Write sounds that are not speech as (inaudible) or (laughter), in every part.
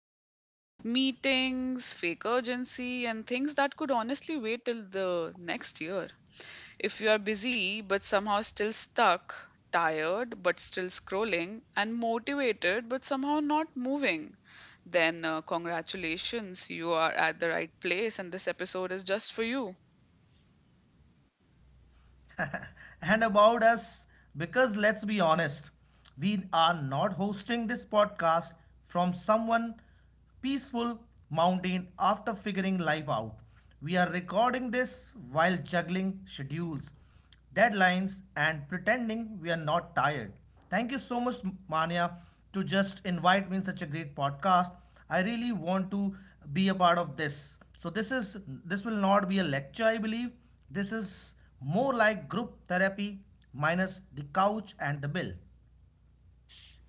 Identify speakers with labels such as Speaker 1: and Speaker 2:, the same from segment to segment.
Speaker 1: meetings, fake urgency, and things that could honestly wait till the next year. If you are busy but somehow still stuck, tired but still scrolling, and motivated but somehow not moving, then congratulations, you are at the right place, and this episode is just for you.
Speaker 2: And about us, because let's be honest, we are not hosting this podcast from someone peaceful mountain after figuring life out. We are recording this while juggling schedules, deadlines, and pretending we are not tired. Thank you so much, Mania, to just invite me in such a great podcast. I really want to be a part of this. So this is, this will not be a lecture, I believe. This is more like group therapy, minus the couch and the bill.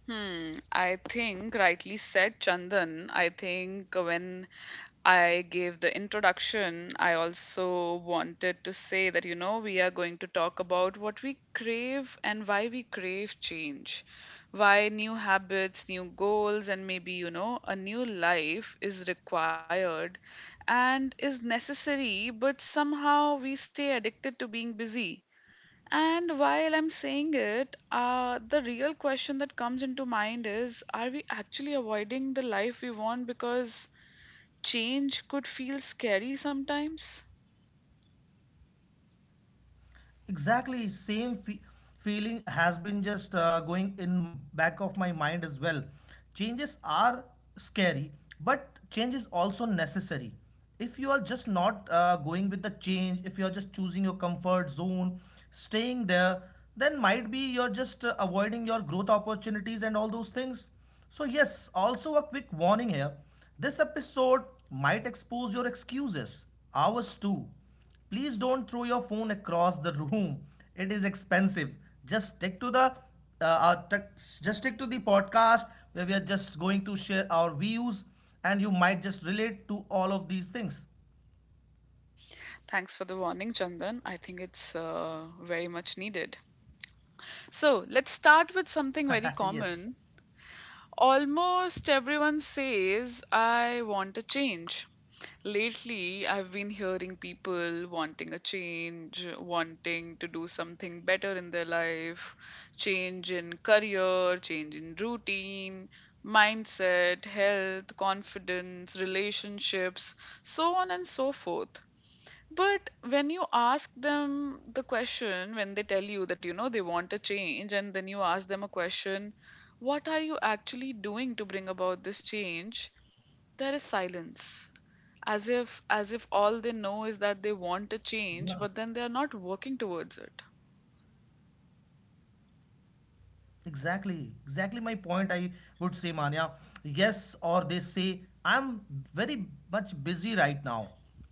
Speaker 1: Hmm, I think rightly said, Chandan. I think when I gave the introduction, I also wanted to say that, we are going to talk about what we crave and why we crave change. Why new habits, new goals, and maybe, a new life is required and is necessary, but somehow we stay addicted to being busy, and while I'm saying it, the real question that comes into mind is, are we actually avoiding the life we want because change could feel scary sometimes?
Speaker 2: Exactly same feeling has been just going in back of my mind as well. Changes are scary, but change is also necessary. If you are just not going with the change, if you are just choosing your comfort zone, staying there, then might be you're just avoiding your growth opportunities and all those things. So yes, also a quick warning here: this episode might expose your excuses, ours too. Please don't throw your phone across the room. It is expensive. Just stick to the our just stick to the podcast where we are just going to share our views, and you might just relate to all of these things.
Speaker 1: Thanks for the warning, Chandan. I think it's very much needed. So let's start with something very
Speaker 2: (laughs)
Speaker 1: common.
Speaker 2: Yes.
Speaker 1: Almost everyone says, I want a change. Lately, I've been hearing people wanting a change, wanting to do something better in their life, change in career, change in routine, mindset, health, confidence, relationships, so on and so forth. But when you ask them the question, when they tell you that you know they want a change, and then you ask them a question, what are you actually doing to bring about this change? There is silence, as if, as if all they know is that they
Speaker 2: Yeah,
Speaker 1: want a change, but then they are not working towards it.
Speaker 2: exactly. Exactly my point, I would say, Manya. Yes, or they say, I'm very much busy right now.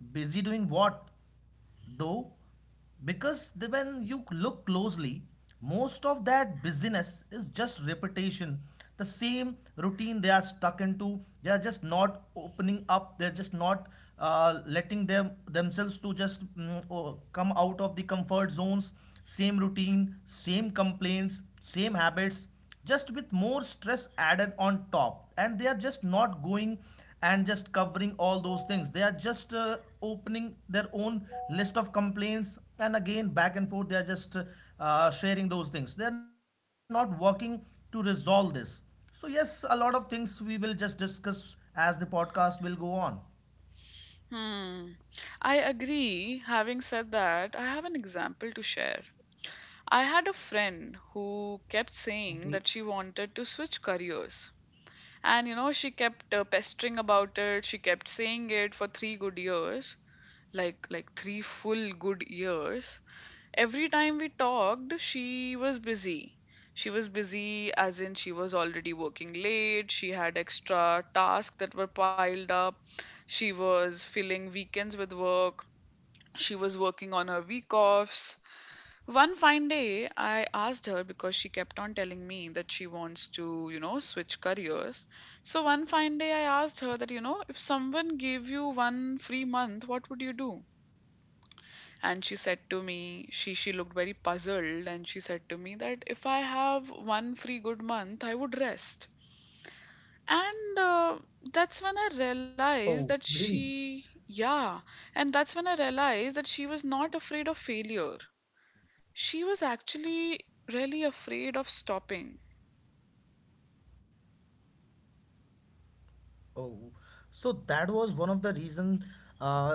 Speaker 2: Busy doing what, though? Because when you look closely, most of that busyness is just repetition. The same routine they are stuck into, they are just not opening up, they're just not letting themselves to just come out of the comfort zones. Same routine, same complaints, same habits, just with more stress added on top, and they are just not going and just covering all those things. They are just opening their own list of complaints, and again back and forth they are just sharing those things. They are not working to resolve this. So yes, a lot of things we will just discuss as the podcast will go on.
Speaker 1: Hmm. I agree. Having said that, I have an example to share. I had a friend who kept saying that she
Speaker 2: Okay.
Speaker 1: wanted to switch careers, and you know she kept pestering about it. She kept saying it for 3 good years, like 3 full good years. Every time we talked, she was busy. She was busy, as in she was already working late, she had extra tasks that were piled up, she was filling weekends with work, she was working on her week offs. One fine day, I asked her, because she kept on telling me that she wants to, you know, switch careers. So one fine day, I asked her that, you know, if someone gave you one free month, what would you do? And she said to me, she looked very puzzled, and she said to me that if I have one free good month, I would rest. And that's when I realized that
Speaker 2: Oh, really?
Speaker 1: she, yeah. And that's when I realized that she was not afraid of failure. She was actually really afraid of stopping.
Speaker 2: Oh, so that was one of the reason, uh,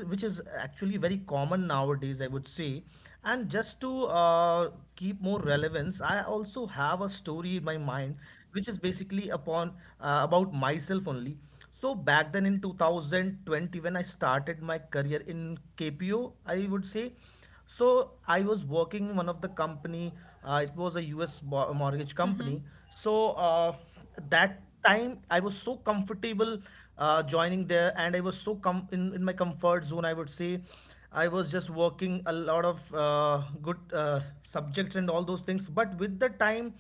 Speaker 2: which is actually very common nowadays, I would say. And just to keep more relevance, I also have a story in my mind, which is basically upon about myself only. So back then in 2020, when I started my career in KPO, I would say. So I was working in one of the company. It was a us mortgage
Speaker 1: Hmm.
Speaker 2: company. So that time I was so comfortable joining there, and I was so in my comfort zone, I would say. I was just working a lot of good subjects and all those things, but with the time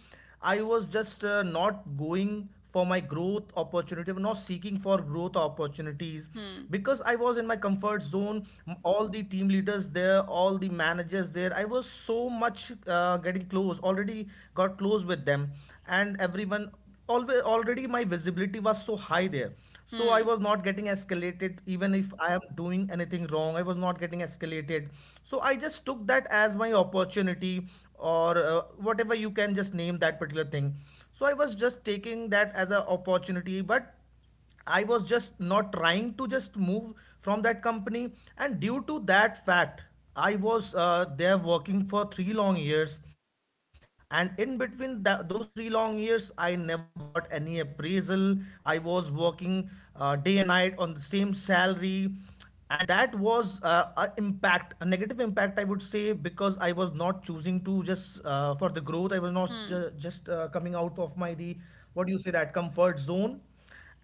Speaker 2: I was just not going for my growth opportunity, not seeking for growth opportunities,
Speaker 1: Hmm.
Speaker 2: because I was in my comfort zone. All the team leaders there, all the managers there, I was so much getting close, already got close with them, and everyone, always, already my visibility was so high there, so I
Speaker 1: Hmm.
Speaker 2: was not getting escalated. Even if I am doing anything wrong, I was not getting escalated. So I just took that as my opportunity, or whatever you can just name that particular thing. So I was just taking that as an opportunity, but I was just not trying to just move from that company, and due to that fact, I was there working for 3 long years, and in between that those 3 long years, I never got any appraisal. I was working day and night on the same salary, and that was a impact, a negative impact, I would say, because I was not choosing to just for the growth. I was not ju-
Speaker 1: Hmm.
Speaker 2: just coming out of my the, what do you say, that comfort zone.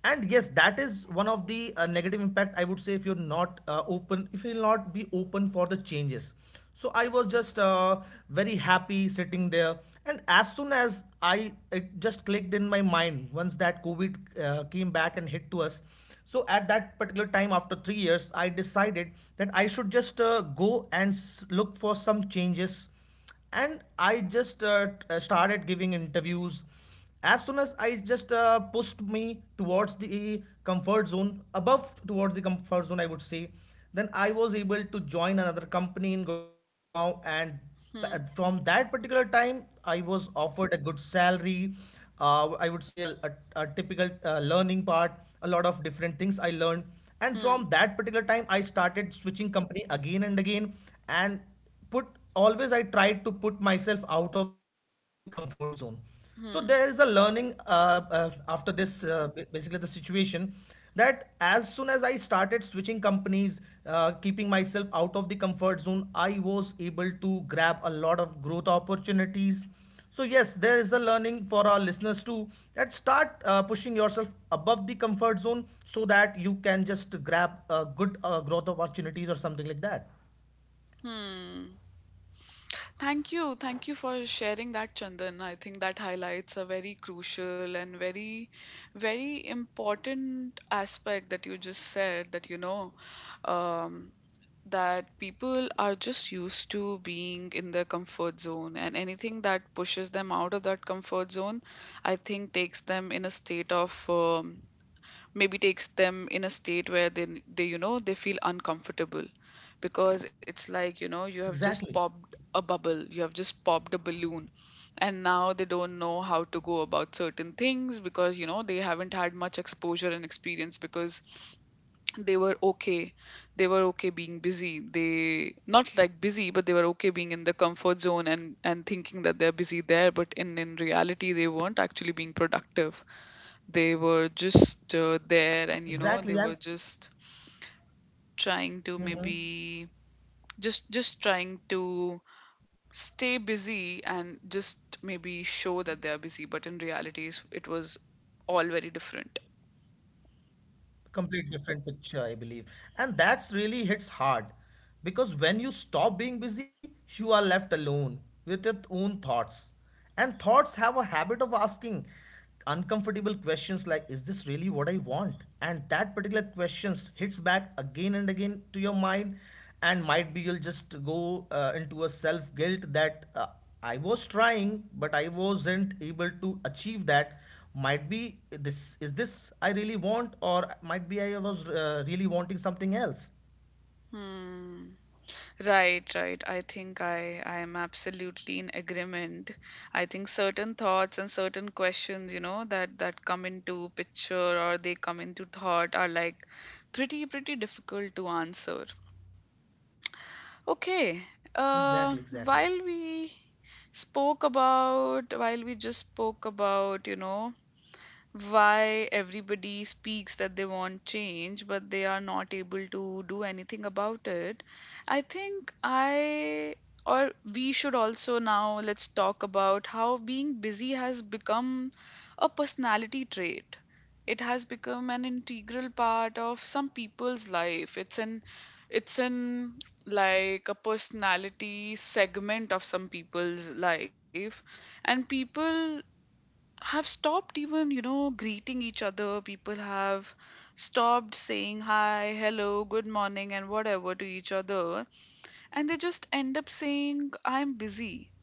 Speaker 2: And yes, that is one of the negative impact, I would say, if you're not open, if you'll not be open for the changes. So I was just very happy sitting there, and as soon as I, it just clicked in my mind once, that covid came back and hit to us. So at that particular time, after three years, I decided that I should just go and look for some changes, and I just started giving interviews. As soon as I just pushed me towards the comfort zone, above towards the comfort zone, I would say, then I was able to join another company in Gurgaon. And
Speaker 1: Hmm.
Speaker 2: from that particular time, I was offered a good salary. I would say a, a typical learning part, a lot of different things I learned. And from
Speaker 1: Hmm.
Speaker 2: that particular time, I started switching company again and again. And put always I tried to put myself out of the comfort zone. So
Speaker 1: Hmm. Hmm.
Speaker 2: there is a learning, after this, basically the situation, that as soon as I started switching companies, keeping myself out of the comfort zone, I was able to grab a lot of growth opportunities. So yes, there is a learning for our listeners too, that start pushing yourself above the comfort zone, so that you can just grab good growth opportunities or something like that.
Speaker 1: Hmm. Thank you. Thank you for sharing that, Chandan. I think that highlights a very crucial and very, very important aspect that you just said, that, um, that people are just used to being in their comfort zone, and anything that pushes them out of that comfort zone, I think, takes them in a state of maybe takes them in a state where they you know they feel uncomfortable, because it's like, you know, you have just popped a
Speaker 2: Exactly.
Speaker 1: bubble, you have just popped a balloon, and now they don't know how to go about certain things, because you know they haven't had much exposure and experience, because they were okay, they were okay being busy. They not like busy, but they were okay being in the comfort zone, and thinking that they're busy there, but in reality they weren't actually being productive. They were just there, and you know they were
Speaker 2: Exactly, and
Speaker 1: just trying to
Speaker 2: mhm,
Speaker 1: maybe just trying to stay busy, and just maybe show that they are busy, but in reality it's- it was all very different.
Speaker 2: complete different picture, I believe. And that's really hits hard, because when you stop being busy, you are left alone with your own thoughts. And thoughts have a habit of asking uncomfortable questions like, is this really what I want? And that particular questions hits back again and again to your mind, and might be you'll just go into a self guilt that I was trying, but I wasn't able to achieve that. Might be this is this I really want, or might be I was really wanting something else.
Speaker 1: Hmm. Right, right. I think I am absolutely in agreement. I think certain thoughts and certain questions, you know, that that come into picture or they come into thought are like pretty difficult to answer. Okay. Uh,
Speaker 2: Exactly, exactly.
Speaker 1: while we spoke about, while we just spoke about, you know, why everybody speaks that they want change, but they are not able to do anything about it. I think I, or we should also now, let's talk about how being busy has become a personality trait. It has become an integral part of some people's life. It's an like a personality segment of some people's life, and people have stopped even you know greeting each other. People have stopped saying hi, hello, good morning and whatever to each other, and they just end up saying I'm busy.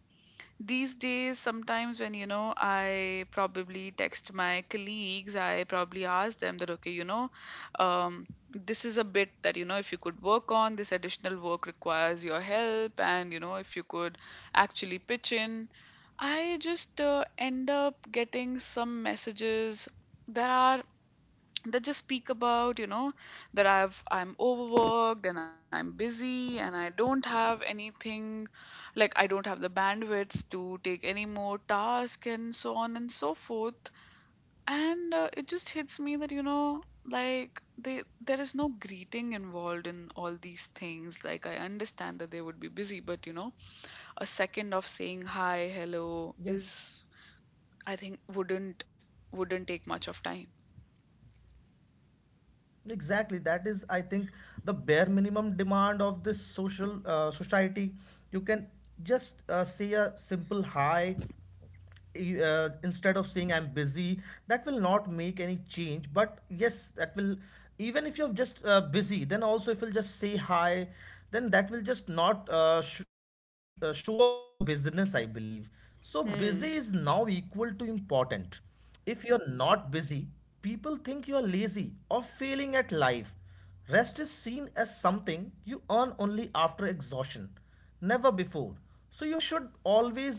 Speaker 1: These days, sometimes when you know, I probably text my colleagues, I probably ask them that, okay, you know, um, this is a bit that, you know, if you could work on, this additional work requires your help, and, you know, if you could actually pitch in. I just end up getting some messages that are, that just speak about you know that I'm overworked and I'm busy and I don't have anything, like I don't have the bandwidth to take any more task and so on and so forth. And it just hits me that you know, like, they, there is no greeting involved in all these things. Like I understand that they would be busy, but you know, a second of saying hi, hello
Speaker 2: Yes,
Speaker 1: is, I think, wouldn't take much of time.
Speaker 2: exactly, that is, I think, the bare minimum demand of this social society. You can just say a simple hi instead of saying I'm busy. That will not make any change, but yes, that will, even if you're just busy, then also if you'll just say hi, then that will just not show off your business, I believe. So busy is now
Speaker 1: Hmm.
Speaker 2: equal to important. If you're not busy, people think you're lazy or failing at life. Rest is seen as something you earn only after exhaustion, never before. So you should always,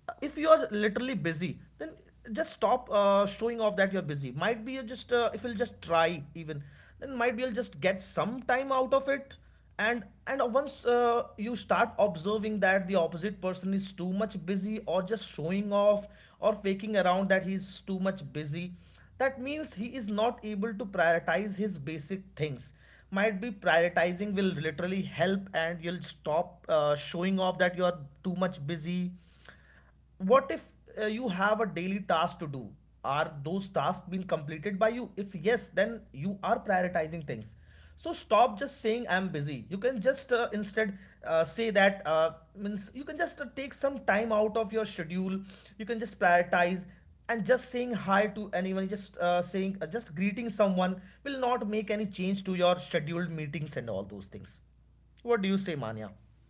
Speaker 2: if you are literally busy, then just stop showing off that you're busy. Might be you just if you'll just try even, then might be you'll just get some time out of it. And once you start observing that the opposite person is too much busy, or just showing off or faking around that he's too much busy, that means he is not able to prioritize his basic things. Might be prioritizing will literally help, and you'll stop showing off that you're too much busy. What if you have a daily task to do? Are those tasks being completed by you? If yes, then you are prioritizing things. So stop just saying I'm busy. You can just instead say that, means you can just take some time out of your schedule. You can just prioritize, and just saying hi to anyone, just saying just greeting someone, will not make any change to your scheduled meetings and all those things. What do you say, Manya?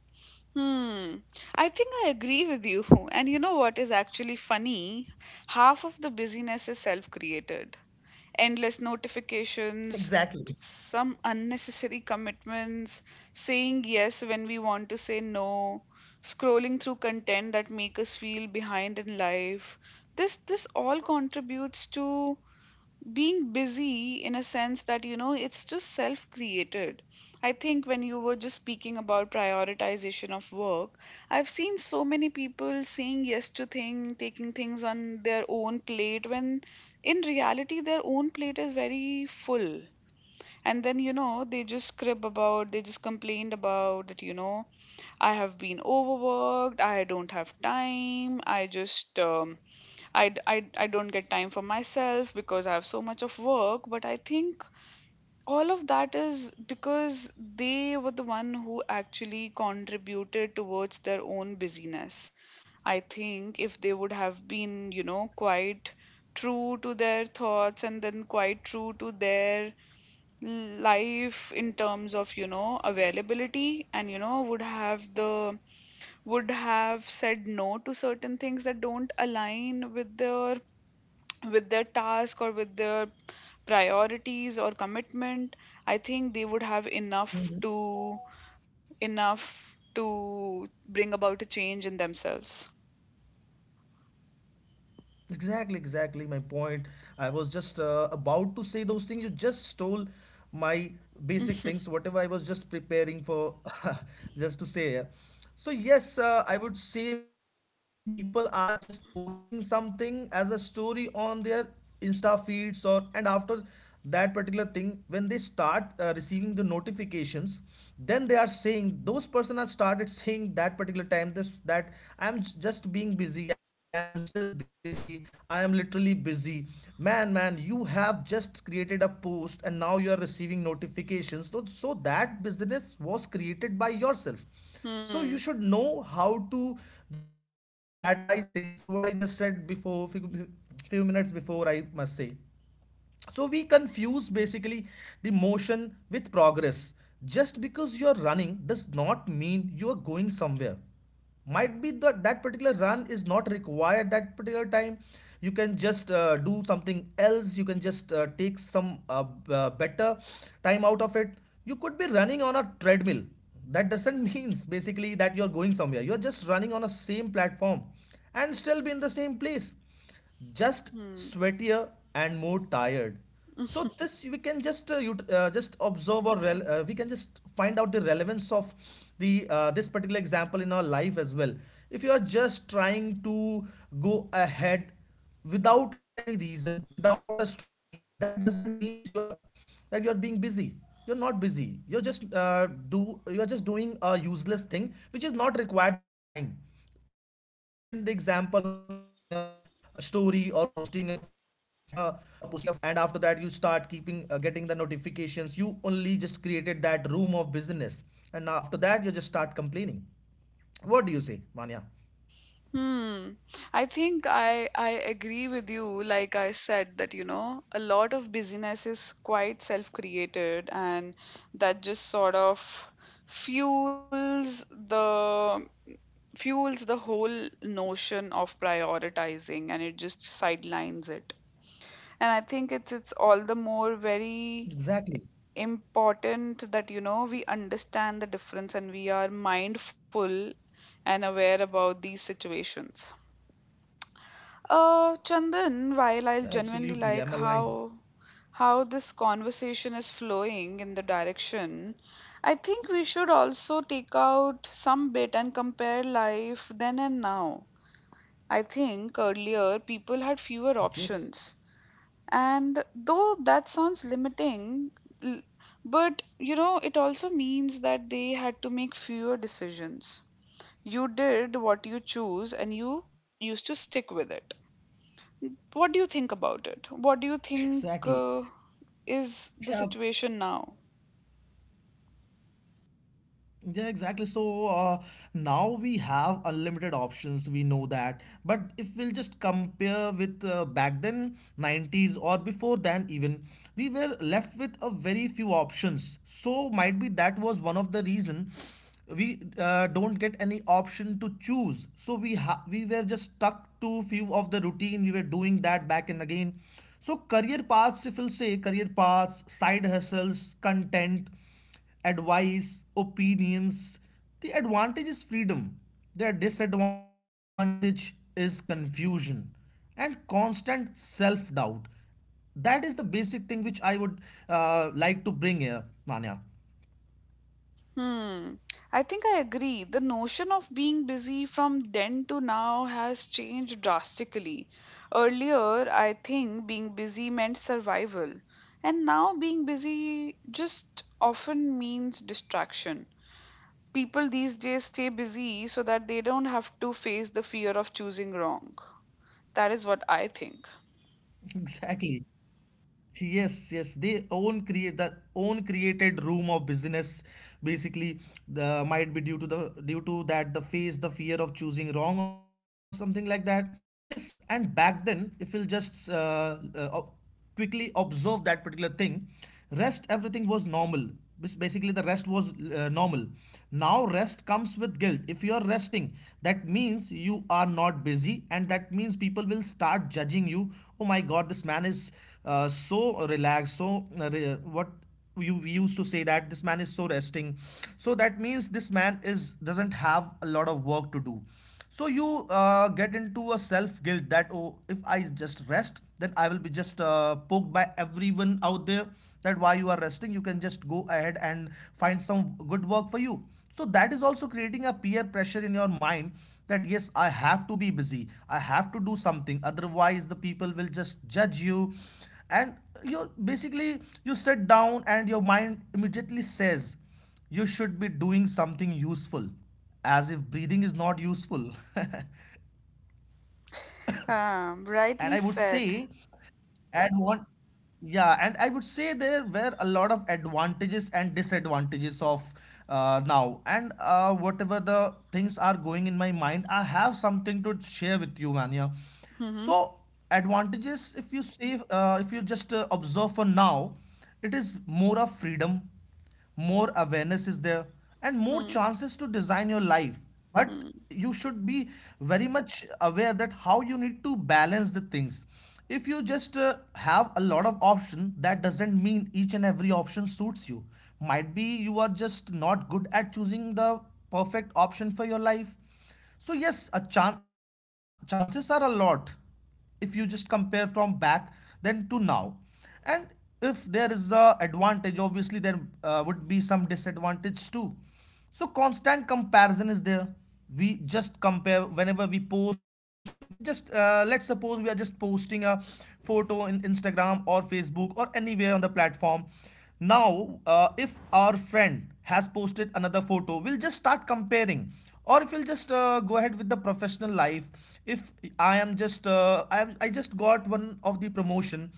Speaker 1: Hmm. I think I agree with you. (laughs) And you know what is actually funny? Half of the busyness is self-created. Endless notifications,
Speaker 2: (laughs) Exactly.
Speaker 1: some unnecessary commitments, saying yes when we want to say no, scrolling through content that make us feel behind in life. This all contributes to being busy in a sense that you know it's just self created. I think when you were just speaking about prioritization of work, I've seen so many people saying yes to thing, taking things on their own plate, when in reality their own plate is very full, and then you know they just crib about, they just complained about that you know I have been overworked, I don't have time, I just I don't get time for myself because I have so much of work, but I think all of that is because they were the one who actually contributed towards their own busyness. I think if they would have been, you know, quite true to their thoughts, and then quite true to their life in terms of, you know, availability, and, you know, would have the, would have said no to certain things that don't align with their, with their task or with their priorities or commitment, I think they would have enough to, enough to bring about a change in themselves.
Speaker 2: Exactly, exactly my point. I was just about to say those things. You just stole my basic things, whatever I was just preparing for, (laughs) just to say. Yeah. So yes, I would say people are just posting something as a story on their Insta feeds, or, and after that particular thing, when they start receiving the notifications, then they are saying, those person are started saying that particular time this that, I'm just being busy, I'm still being busy, I am literally busy. Man, man, you have just created a post and now you are receiving notifications, so, so that business was created by yourself. So
Speaker 1: Hmm.
Speaker 2: you should know how to just prioritize things, what I just said before few minutes before, I must say. So we confuse basically the motion with progress. Just because you are running does not mean you are going somewhere. Might be that that particular run is not required that particular time. You can just do something else. You can just take some better time out of it. You could be running on a treadmill. That doesn't (laughs) means basically that you're going somewhere. You're just running on a same platform and still be in the same place, just
Speaker 1: Hmm.
Speaker 2: sweatier and more tired. So this we can just observe or we can just find out the relevance of the this particular example in our life as well. If you are just trying to go ahead without any reason, without a strong reason, that doesn't means you are that you're being busy, you're not busy, you're just do you're just doing a useless thing which is not required that time. Just I mentioned the example of posting a story or posting a photo, and after that you start keeping getting the notifications. You only just created that room of business, and now after that you just start complaining. What do you say, Manya?
Speaker 1: Hmm. I think I agree with you, like I said, that you know a lot of busyness is quite self created, and that just sort of fuels the fuels the whole notion of prioritizing, and it just sidelines it. And I think it's all the more very
Speaker 2: Exactly.
Speaker 1: important that you know we understand the difference and we are mindful and aware about these situations. Chandan, while I'll genuinely like
Speaker 2: Absolutely, I'm aligned.
Speaker 1: how this conversation is flowing in the direction, I think we should also take out some bit and compare life then and now. I think earlier people had fewer options.
Speaker 2: Yes,
Speaker 1: And though that sounds limiting, l- but you know, it also means that they had to make fewer decisions. You did what you choose and you used to stick with it. What do you think about it? What do you think
Speaker 2: exactly.
Speaker 1: is the
Speaker 2: Yeah.
Speaker 1: situation now?
Speaker 2: Yeah, exactly. So now we have unlimited options. We know that. But if we'll just compare with back then, 90s or before then, even, we were left with a very few options. So might be that was one of the reason we don't get any option to choose. So we were just stuck to few of the routine. We were doing that back and again. So career paths, if we'll say, career paths, side hustles, content, advice, opinions. The advantage is freedom. Their disadvantage is confusion and constant self doubt. That is the basic thing which I would like to bring here, Manya.
Speaker 1: Hmm. I think I agree. The notion of being busy from then to now has changed drastically. Earlier, I think being busy meant survival, and now being busy just often means distraction. People these days stay busy so that they don't have to face the fear of choosing wrong. That is what I think.
Speaker 2: (laughs) Exactly. Yes, yes, they own create the own created room of business, basically. The might be due to that the face the fear of choosing wrong or something like that. Yes, and back then, if we'll quickly observe that particular thing, rest everything was normal. Basically the rest was normal. Now rest comes with guilt. If you are resting, that means you are not busy, and that means people will start judging you. Oh my god, this man is so relaxed, so what, you, we used to say that this man is so resting, so that means this man is doesn't have a lot of work to do. So you get into a self guilt that, oh, if I just rest then I will be just poked by everyone out there, that why you are resting, you can just go ahead and find some good work for you. So that is also creating a peer pressure in your mind that, yes, I have to be busy, I have to do something, otherwise the people will just judge you. And you, basically, you sit down and your mind immediately says you should be doing something useful, as if breathing is not useful. (laughs) And I
Speaker 1: Rightly
Speaker 2: would say—
Speaker 1: said.
Speaker 2: And one, yeah, and I would say there were a lot of advantages and disadvantages of now. And whatever the things are going in my mind, I have something to share with you, man. Yeah. So
Speaker 1: Hmm.
Speaker 2: advantages, if you see, if you just observe for now, it is more of freedom, more awareness is there, and more
Speaker 1: Hmm.
Speaker 2: chances to design your life. But
Speaker 1: Hmm.
Speaker 2: you should be very much aware that how you need to balance the things. If you just have a lot of option, that doesn't mean each and every option suits you. Might be you are just not good at choosing the perfect option for your life. So yes, chances are a lot if you just compare from back then to now. And if there is a advantage, obviously there would be some disadvantage too. So constant comparison is there. We just compare whenever we post. We just let's suppose we are just posting a photo in Instagram or Facebook or anywhere on the platform. Now, if our friend has posted another photo, we'll just start comparing. Or if you'll just go ahead with the professional life, if I am just, I just got one of the promotion,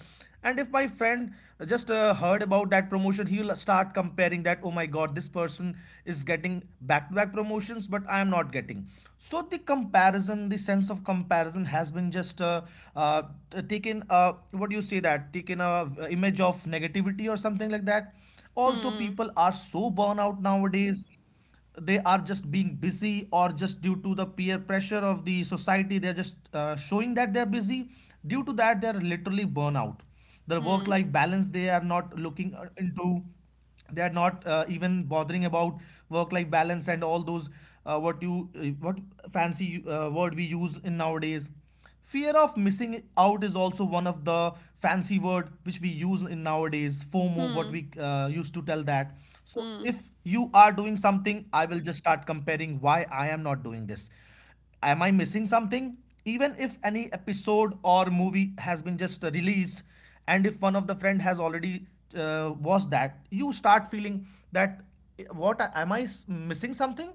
Speaker 2: and if my friend just heard about that promotion, he will start comparing that, oh my god, this person is getting back to back promotions, but I am not getting. So the comparison, the sense of comparison has been just uh, taken what do you say, that taken a image of negativity or something like that. Also,
Speaker 1: Hmm.
Speaker 2: people are so burn out nowadays. They are just being busy, or just due to the peer pressure of the society they're just showing that they're busy. Due to that, they're literally burnout. Their work
Speaker 1: Hmm.
Speaker 2: life balance, they are not looking into. They are not even bothering about work life balance and all those— what you what fancy word we use in nowadays. Fear of missing out is also one of the fancy word which we use in nowadays, FOMO, what
Speaker 1: Hmm.
Speaker 2: we used to tell that. So
Speaker 1: Hmm.
Speaker 2: if you are doing something, I will just start comparing, why I am not doing this? Am I missing something? Even if any episode or movie has been just released, and if one of the friend has already watched that, you start feeling that, eh, what am I missing something?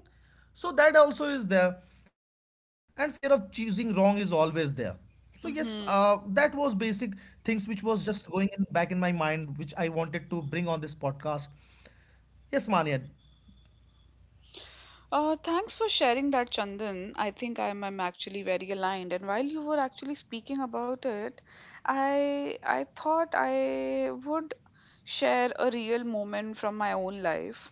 Speaker 2: So that also is there, and fear of choosing wrong is always there. So yes, that was
Speaker 1: Hmm.
Speaker 2: basic things which was just going in back in my mind, which I wanted to bring on this podcast. Yes, Mania,
Speaker 1: Thanks for sharing that, Chandan. I think I'm actually very aligned. And while you were actually speaking about it, I thought I would share a real moment from my own life.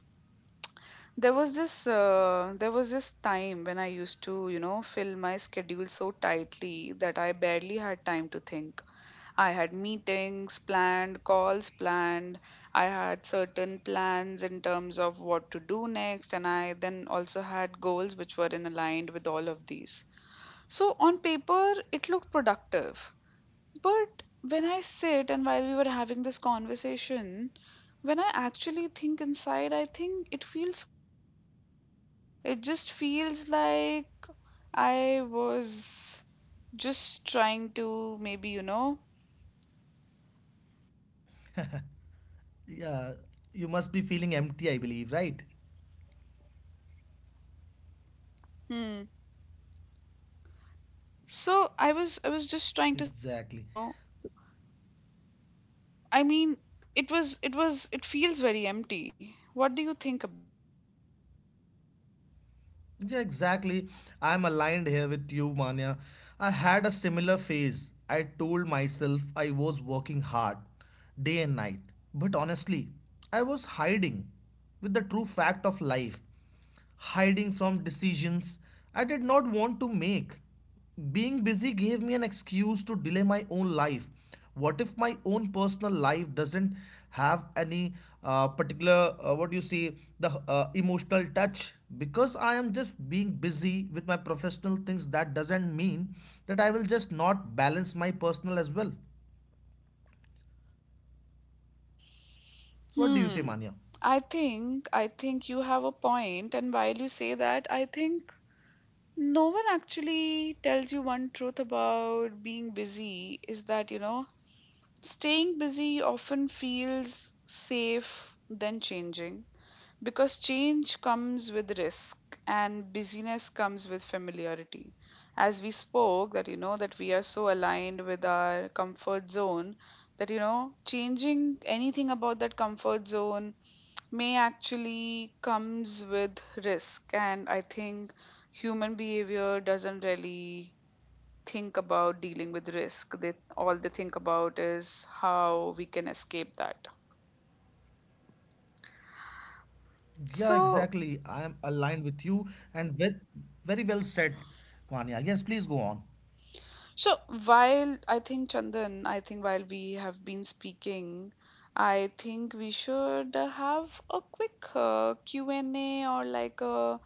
Speaker 1: There was this time when I used to, you know, fill my schedule so tightly that I barely had time to think. I had meetings planned, calls planned. I had certain plans in terms of what to do next, and I then also had goals which were in aligned with all of these. So on paper, it looked productive. But when I sit, and while we were having this conversation, when I actually think inside, I think it feels quite empty. It just feels like I was just trying to maybe,
Speaker 2: yeah, you must be feeling empty, I believe, right?
Speaker 1: hmm, so I was just trying to say that,
Speaker 2: Exactly.
Speaker 1: I mean, it feels very empty. What do you think about it?
Speaker 2: Yeah, exactly. I'm aligned here with you, Manya. I had a similar phase. I told myself I was working hard, day and night. But honestly, I was hiding with the true fact of life, hiding from decisions I did not want to make. Being busy gave me an excuse to delay my own life. What if my own personal life doesn't have any particular, what do you say, the emotional touch? Because I am just being busy with my professional things, that doesn't mean that I will just not balance my personal as well. What do you say,
Speaker 1: Hmm.
Speaker 2: Manya?
Speaker 1: I think you have a point, and while you say that, I think no one actually tells you one truth about being busy is that, you know, staying busy often feels safe than changing. Because change comes with risk and busyness comes with familiarity. As we spoke, that you know, that we are so aligned with our comfort zone that you know, changing anything about that comfort zone may actually comes with risk. And I think human behavior doesn't really think about dealing with risk. They all they think about is how we can escape that.
Speaker 2: Yeah, exactly. I
Speaker 1: So
Speaker 2: am aligned with you, and ve- very well said, Manya. Yes, please go on.
Speaker 1: So while I think Chandan, I think while we have been speaking, I think we should have a quick Q&A or like a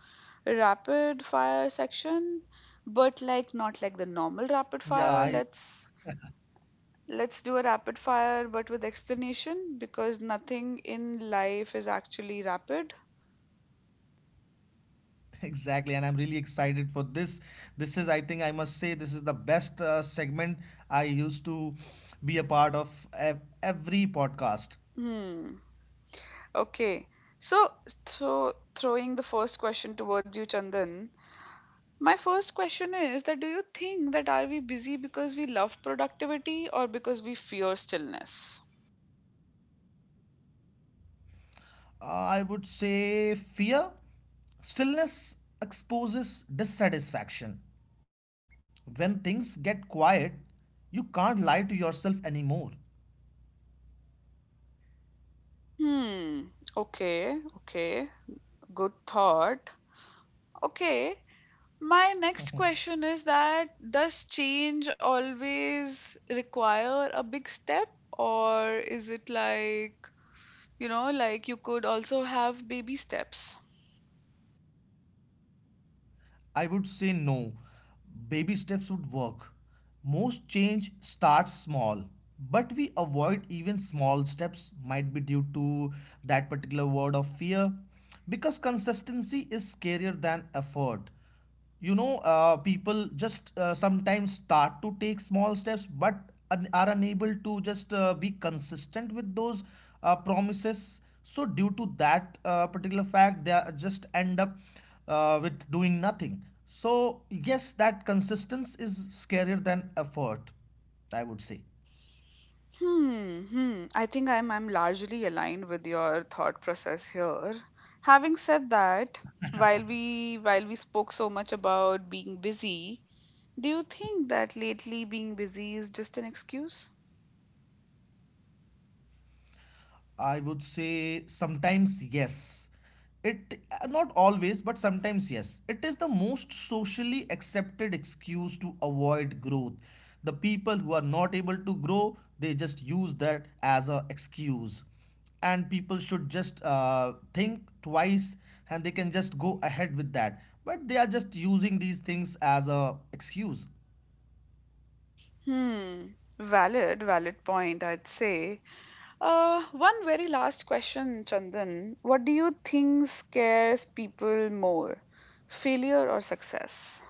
Speaker 1: rapid fire section, but like not like the normal
Speaker 2: Yeah,
Speaker 1: rapid
Speaker 2: I—
Speaker 1: fire. Let's do a rapid fire but with explanation because nothing in life is actually rapid.
Speaker 2: exactly, and I'm really excited for this. This is, I think, I must say, this is the best segment I used to be a part of every podcast.
Speaker 1: Hmm. Okay. So so throwing the first question towards you, Chandan. My first question is that do you think that are we busy because we love productivity or because we fear stillness?
Speaker 2: I would say fear. Stillness exposes dissatisfaction. When things get quiet, you can't lie to yourself anymore.
Speaker 1: Hmm. Okay. Okay. Good thought. Okay. My next question is that does change always require a big step or is it like, you know, like you could also have baby steps?
Speaker 2: I would say no. Baby steps would work. Most change starts small, but we avoid even small steps, might be due to that particular word of fear, because consistency is scarier than effort. You know, people just sometimes start to take small steps but are unable to just be consistent with those promises. So due to that particular fact, they are just end up with doing nothing. So yes, that consistency is scarier than effort, I would say.
Speaker 1: Hmm, hmm. I think I'm largely aligned with your thought process here. Having said that, while we spoke so much about being busy, do you think that lately being busy is just an excuse?
Speaker 2: I would say sometimes yes. It not always, but sometimes yes. It is the most socially accepted excuse to avoid growth. The people who are not able to grow, they just use that as a excuse, and people should just think twice and they can just go ahead with that, but they are just using these things as a excuse.
Speaker 1: Hmm. Valid, valid point, I'd say. One very last question, Chandan. What do you think scares people more, failure or success?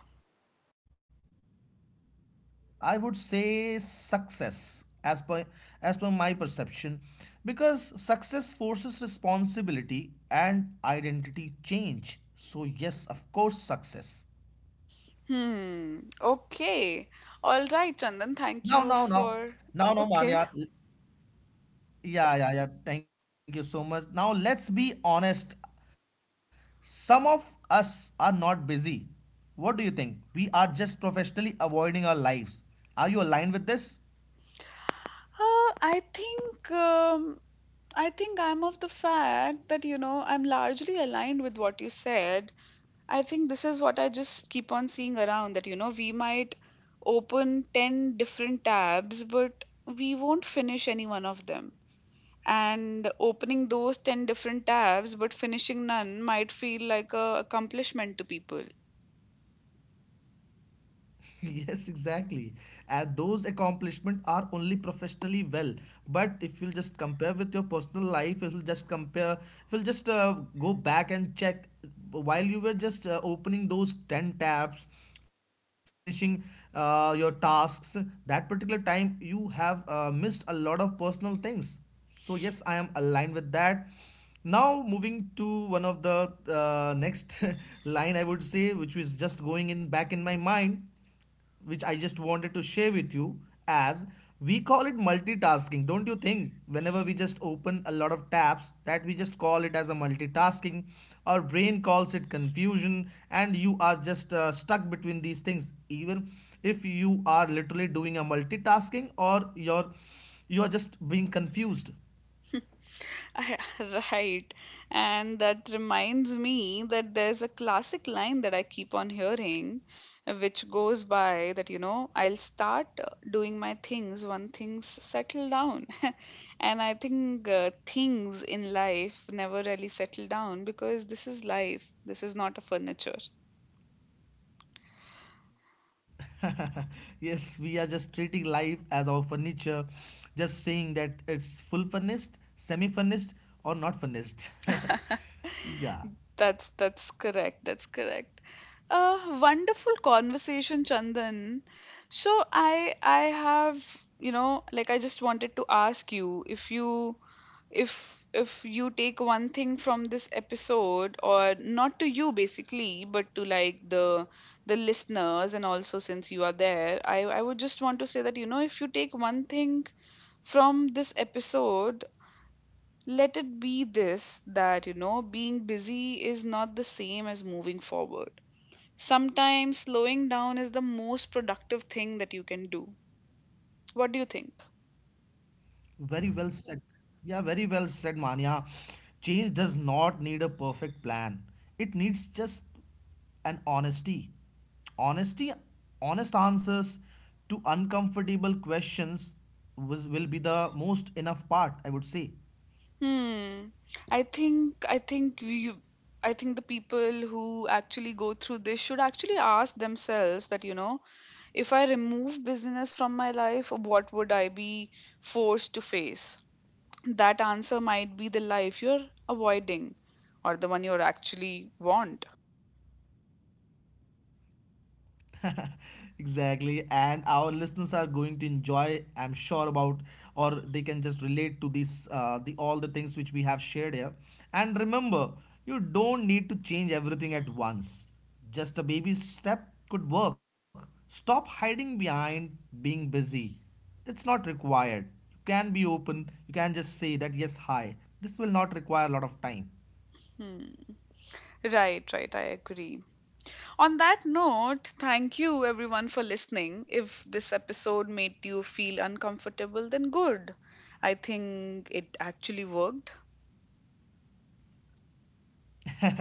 Speaker 2: I would say success, as per my perception, because success forces responsibility and identity change. So yes, of course, success.
Speaker 1: Hmm. Okay. All right, Chandan. Thank you
Speaker 2: Now now
Speaker 1: for.
Speaker 2: now Now.
Speaker 1: Okay.
Speaker 2: Yeah, yeah, yeah, thank you so much. Now let's be honest. Some of us are not busy. What do you think? We are just professionally avoiding our lives. Are you aligned with this?
Speaker 1: Uh, I think um, I think I'm of the fact that you know I'm largely aligned with what you said. I think this is what I just keep on seeing around that you know we might open 10 different tabs, but we won't finish any one of them. And opening those 10 different tabs but finishing none might feel like a accomplishment to people.
Speaker 2: (laughs) yes, exactly. And those accomplishments are only professionally well. But if you'll just compare with your personal life, if you'll just compare, if you'll just go back and check while you were just opening those 10 tabs, finishing your tasks, that particular time you have missed a lot of personal things. So yes, I am aligned with that. Now moving to one of the next (laughs) line, I would say, which is just going in back in my mind, which I just wanted to share with you. As we call it multitasking, don't you think, whenever we just open a lot of tabs, that we just call it as a multitasking? Our brain calls it confusion, and you are just stuck between these things. Even if you are literally doing a multitasking, or you're, you are just being confused.
Speaker 1: (laughs) right. And that reminds me that there's a classic line that I keep on hearing, which goes by that, you know, I'll start doing my things when things settle down. (laughs) And I think things in life never really settle down because this is life. This is not a furniture.
Speaker 2: (laughs) Yes, we are just treating life as our furniture, just saying that it's full furnished, semi furnished, or not furnished. (laughs) Yeah.
Speaker 1: That's correct. That's correct. A wonderful conversation, Chandan. So I have, you know, like I just wanted to ask you if you if you take one thing from this episode or not to you basically, but to like the listeners and also since you are there, I would just want to say that, you know, if you take one thing from this episode, let it be this that you know being busy is not the same as moving forward. Sometimes slowing down is the most productive thing that you can do. What do you think?
Speaker 2: Very well said. Yeah, very well said, Mania. Change does not need a perfect plan, it needs just an honesty. Honesty, honest answers to uncomfortable questions was, will be the most enough part, I would say.
Speaker 1: Hmm. I think i think you i think the people who actually go through this should actually ask themselves that you know if I remove business from my life what would I be forced to face. That answer might be the life you're avoiding or the one you're actually want.
Speaker 2: (laughs) Exactly, and our listeners are going to enjoy, I'm sure about, or they can just relate to these the all the things which we have shared here. And remember, you don't need to change everything at once. Just a baby step could work. Stop hiding behind being busy. It's not required. You can be open. You can just say that, yes, hi, this will not require a lot of time.
Speaker 1: Right, right. I agree. On that note, thank you everyone for listening. If this episode made you feel uncomfortable, then good. I think it actually worked.
Speaker 2: (laughs)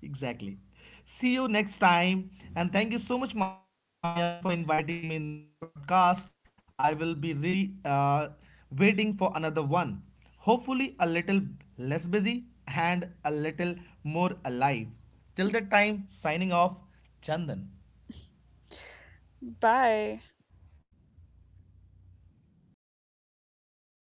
Speaker 2: Exactly. See you next time. And thank you so much, Mania, for inviting me in this podcast. I will be really waiting for another one. Hopefully, a little less busy and a little more alive. Till that time, signing off, Chandan.
Speaker 1: Bye.
Speaker 2: Bye bye.